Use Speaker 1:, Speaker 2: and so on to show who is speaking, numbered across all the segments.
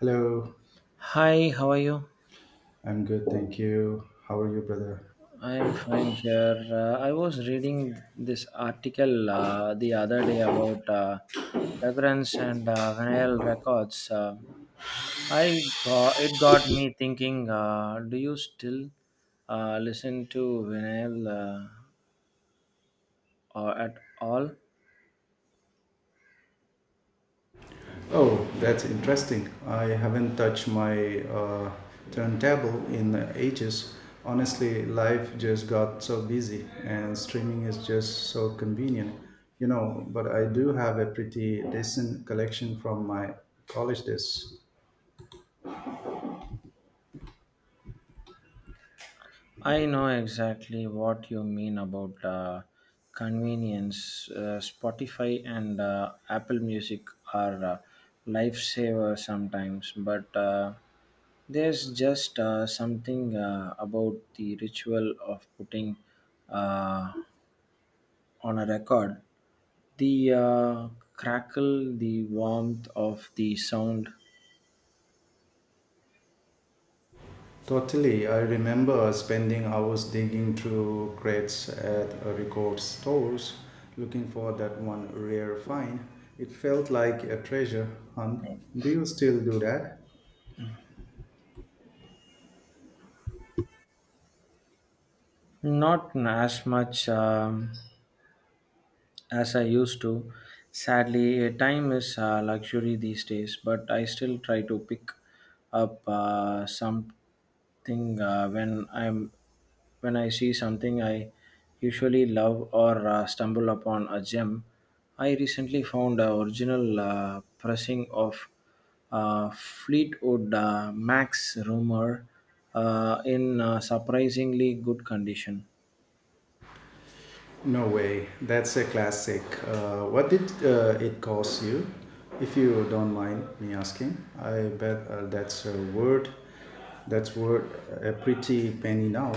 Speaker 1: Hello,
Speaker 2: Hi, how are you?
Speaker 1: I'm good, thank you. How are you, brother?
Speaker 2: I'm fine here. I was reading this article the other day about fragrance and vinyl records. I got me thinking. Do you still listen to vinyl or at all?
Speaker 1: Oh, that's interesting. I haven't touched my turntable in ages. Honestly, life just got so busy, and streaming is just so convenient. But I do have a pretty decent collection from my college days.
Speaker 2: I know exactly what you mean about convenience. Spotify and Apple Music are lifesaver sometimes, but there's just something about the ritual of putting uh, on a record. The crackle, the warmth of the sound,
Speaker 1: Totally. I remember spending hours digging through crates at record stores looking for that one rare find. It felt like a treasure hunt. Do you still do that?
Speaker 2: not as much. As I used to. Sadly, time is a luxury these days, but I still try to pick up something when I see something I usually love or stumble upon a gem. I recently found a original pressing of Fleetwood Mac's Rumor in surprisingly good condition.
Speaker 1: No way. That's a classic. What did it cost you? If you don't mind me asking, I bet that's a word. That's worth a pretty penny now.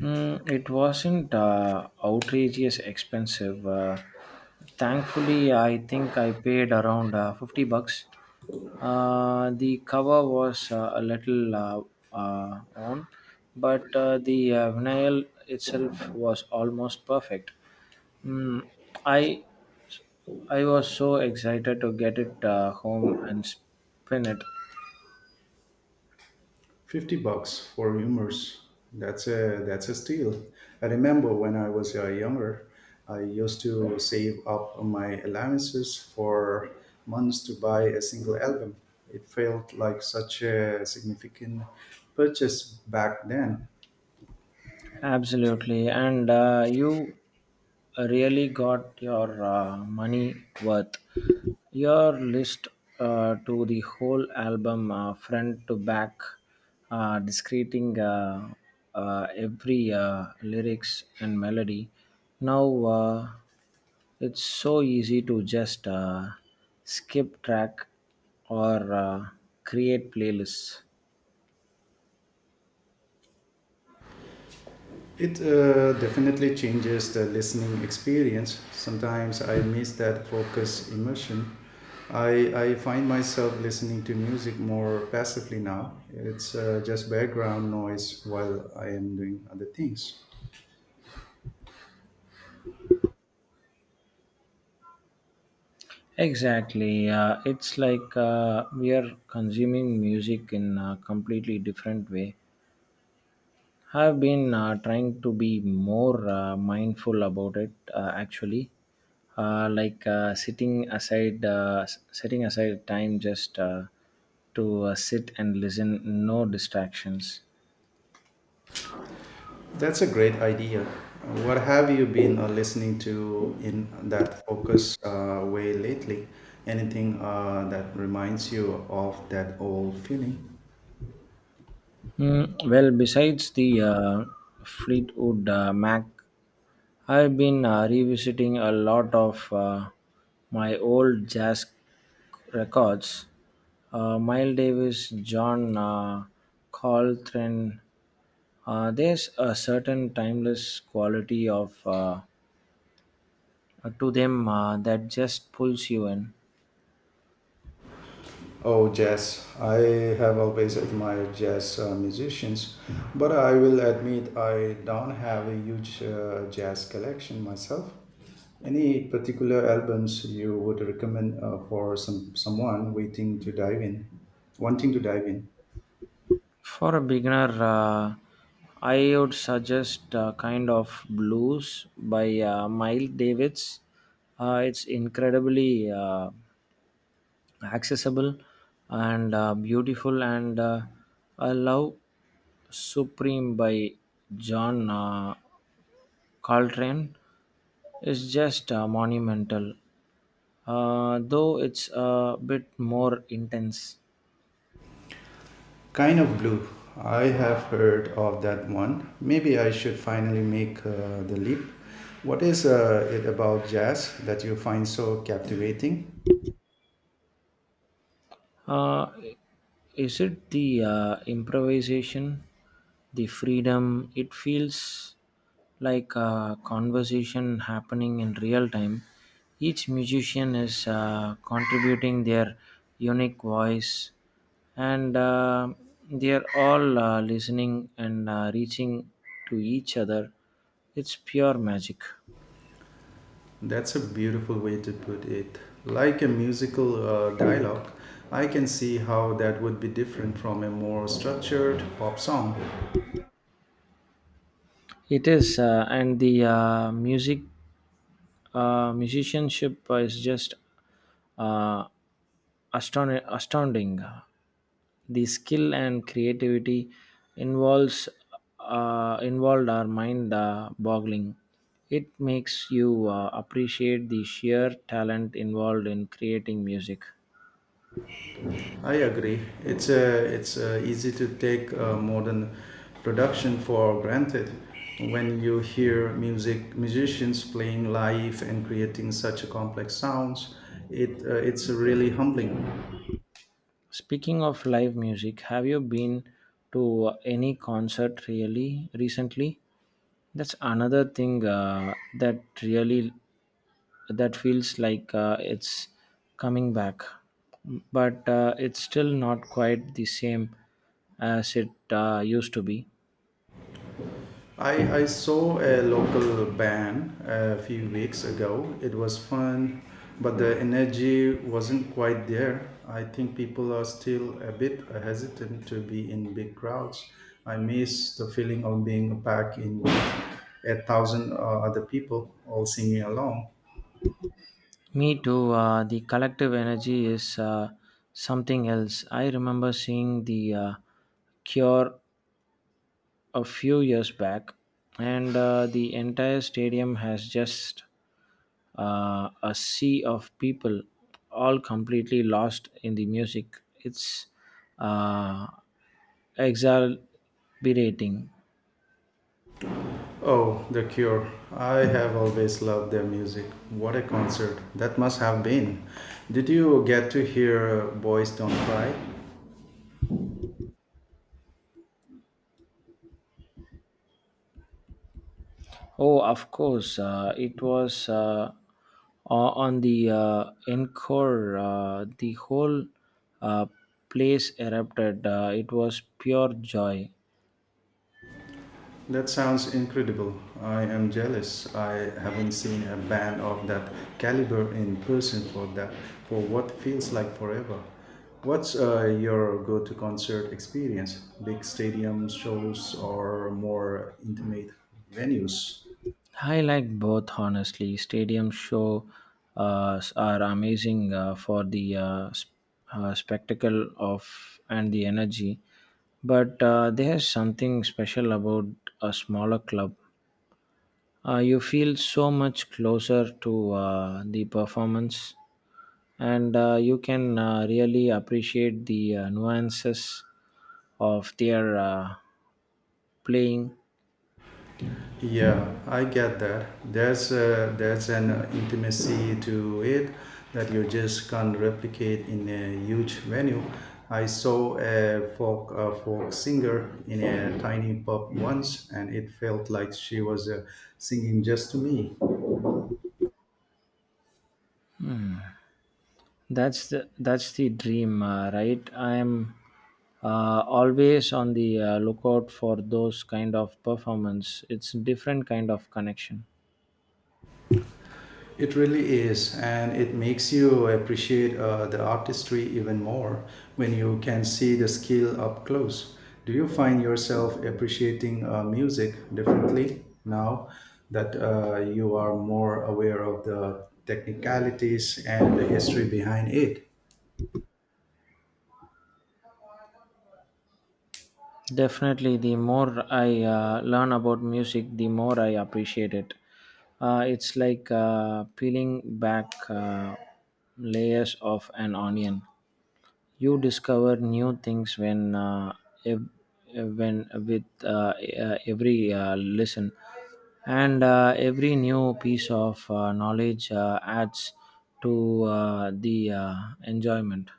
Speaker 2: Mm, it wasn't outrageous expensive. Thankfully, I think I paid around $50. The cover was a little on, but the vinyl itself was almost perfect. Mm, I I was so excited to get it home and spin it.
Speaker 1: 50 bucks for humors. That's a steal. I remember when I was younger, I used to save up my allowances for months to buy a single album. It felt like such a significant purchase back then.
Speaker 2: Absolutely, and you really got your money worth. Your list to the whole album, front to back, discreting every lyrics and melody. Now it's so easy to just skip track or create playlists.
Speaker 1: It definitely changes the listening experience. Sometimes I miss that focus immersion. I find myself listening to music more passively now. It's just background noise while I am doing other things.
Speaker 2: Exactly. It's like we are consuming music in a completely different way. I've been trying to be more mindful about it actually. Like setting aside time just to sit and listen, no distractions.
Speaker 1: That's a great idea. What have you been listening to in that focus way lately? Anything that reminds you of that old feeling?
Speaker 2: Mm, well, besides the Fleetwood Mac, I've been revisiting a lot of my old jazz records. Miles Davis, John Coltrane. There's a certain timeless quality of to them that just pulls you in.
Speaker 1: Oh, jazz. I have always admired jazz musicians, but I will admit I don't have a huge jazz collection myself. Any particular albums you would recommend for someone waiting to dive in, wanting to dive in?
Speaker 2: For a beginner, I would suggest Kind of Blues by Miles Davids. It's incredibly accessible and beautiful, and I love Supreme by John Coltrane. It's just monumental, though it's a bit more intense.
Speaker 1: Kind of Blue. I have heard of that one. Maybe I should finally make the leap. What is it about jazz that you find so captivating?
Speaker 2: Uh, is it the improvisation, the freedom? It feels like a conversation happening in real time. Each musician is contributing their unique voice, and they are all listening and reaching to each other. It's pure magic.
Speaker 1: That's a beautiful way to put it. Like a musical dialogue, I can see how that would be different from a more structured pop song.
Speaker 2: It is, and the musicianship is just uh, astounding. The skill and creativity involves involved are mind boggling. It makes you appreciate the sheer talent involved in creating music.
Speaker 1: I agree. It's easy to take modern production for granted when you hear musicians playing live and creating such a complex sounds. It's really humbling.
Speaker 2: Speaking of live music, have you been to any concert really recently? That's another thing that really that feels like it's coming back, but it's still not quite the same as it used to be.
Speaker 1: I saw a local band a few weeks ago. It was fun, but the energy wasn't quite there. I think people are still a bit hesitant to be in big crowds. I miss the feeling of being back in with a thousand other people all singing along.
Speaker 2: Me too. The collective energy is something else. I remember seeing the Cure a few years back, and the entire stadium has just a sea of people, all completely lost in the music. It's uh, exhilarating.
Speaker 1: Oh, The Cure. I have always loved their music. What a concert that must have been. Did you get to hear Boys Don't Cry?
Speaker 2: Oh, of course, it was on the encore. The whole uh, place erupted. It was pure joy.
Speaker 1: That sounds incredible. I am jealous. I haven't seen a band of that caliber in person for what feels like forever. What's your go-to concert experience? Big stadium shows or more intimate venues?
Speaker 2: I like both, honestly. Stadium show are amazing for the spectacle of and the energy, but there's something special about a smaller club. You feel so much closer to the performance, and you can really appreciate the nuances of their playing.
Speaker 1: Yeah, I get that. There's an intimacy to it that you just can't replicate in a huge venue. I saw a folk singer in a tiny pub once, and it felt like she was singing just to me.
Speaker 2: That's the dream, right? I am always on the lookout for those kind of performance. It's different kind of connection.
Speaker 1: It really is, and it makes you appreciate the artistry even more when you can see the skill up close. Do you find yourself appreciating music differently now that you are more aware of the technicalities and the history behind it?
Speaker 2: Definitely, the more I learn about music, the more I appreciate it. It's like peeling back layers of an onion. You discover new things when ev- when with every listen, and every new piece of knowledge adds to the enjoyment.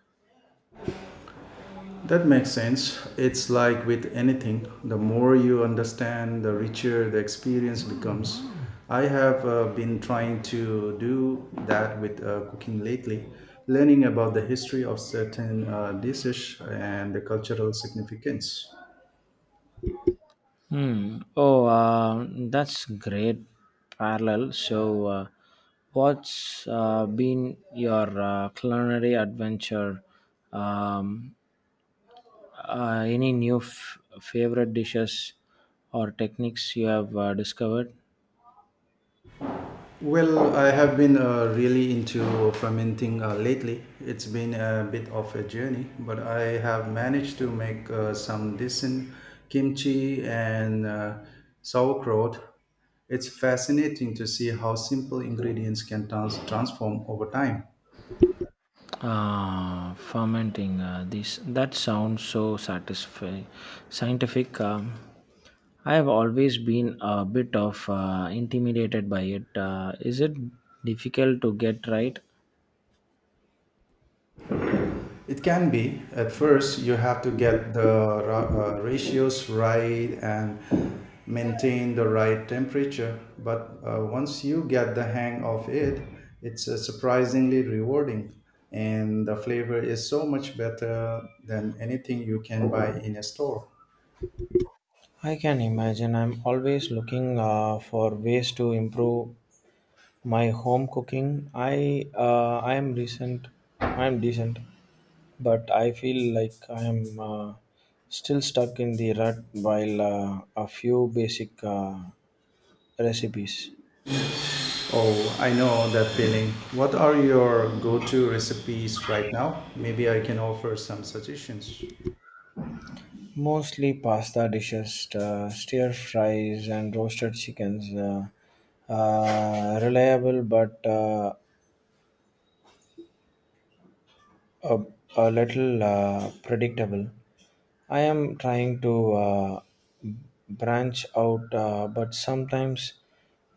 Speaker 1: That makes sense. It's like with anything, the more you understand, the richer the experience becomes. I have been trying to do that with cooking lately, learning about the history of certain dishes and the cultural significance.
Speaker 2: Hmm. Oh, that's great parallel. So, what's been your culinary adventure? Um, any new favorite dishes or techniques you have discovered?
Speaker 1: Well, I have been really into fermenting lately. It's been a bit of a journey, but I have managed to make some decent kimchi and sauerkraut. It's fascinating to see how simple ingredients can transform over time.
Speaker 2: Ah, fermenting. This that sounds so satisfying, scientific. I have always been a bit of intimidated by it. Is it difficult to get right?
Speaker 1: It can be. At first, you have to get the ratios right and maintain the right temperature. But once you get the hang of it, it's surprisingly rewarding. And the flavor is so much better than anything you can buy in a store.
Speaker 2: I can imagine I'm always looking for ways to improve my home cooking. I am decent, but I feel like I am still stuck in the rut while a few basic recipes,
Speaker 1: Oh, I know that feeling. What are your go to recipes right now? Maybe I can offer some suggestions.
Speaker 2: mostly pasta dishes, stir fries, and roasted chickens, reliable but a, a little predictable. I am trying to branch out, but sometimes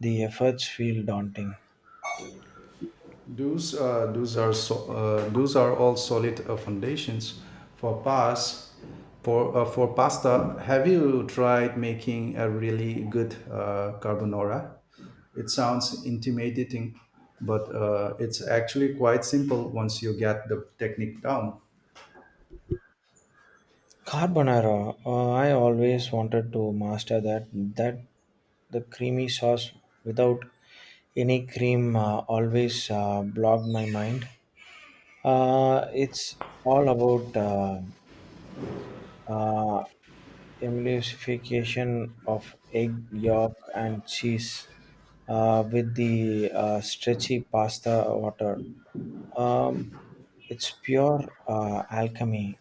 Speaker 2: the efforts feel daunting.
Speaker 1: Those are all solid foundations for pas. For pasta, have you tried making a really good carbonara? It sounds intimidating, but it's actually quite simple once you get the technique down.
Speaker 2: Carbonara, I always wanted to master that. That the creamy sauce without any cream always blocked my mind. It's all about uh, emulsification of egg yolk and cheese with the stretchy pasta water. Um, it's pure alchemy.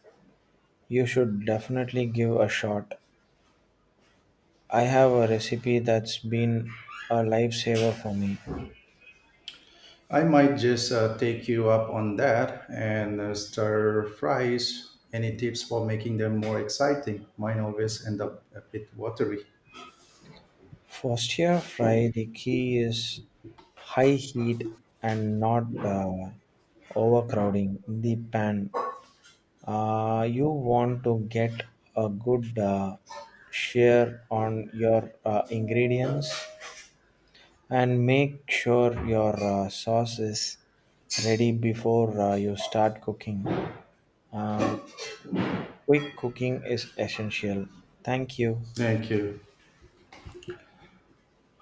Speaker 2: You should definitely give a shot. I have a recipe that's been a lifesaver for me.
Speaker 1: I might just take you up on that and stir fries. Any tips for making them more exciting? Mine always end up a bit watery.
Speaker 2: For stir fry, the key is high heat and not overcrowding the pan. You want to get a good share on your ingredients and make sure your sauce is ready before you start cooking. Quick cooking is essential. Thank you.
Speaker 1: Thank you.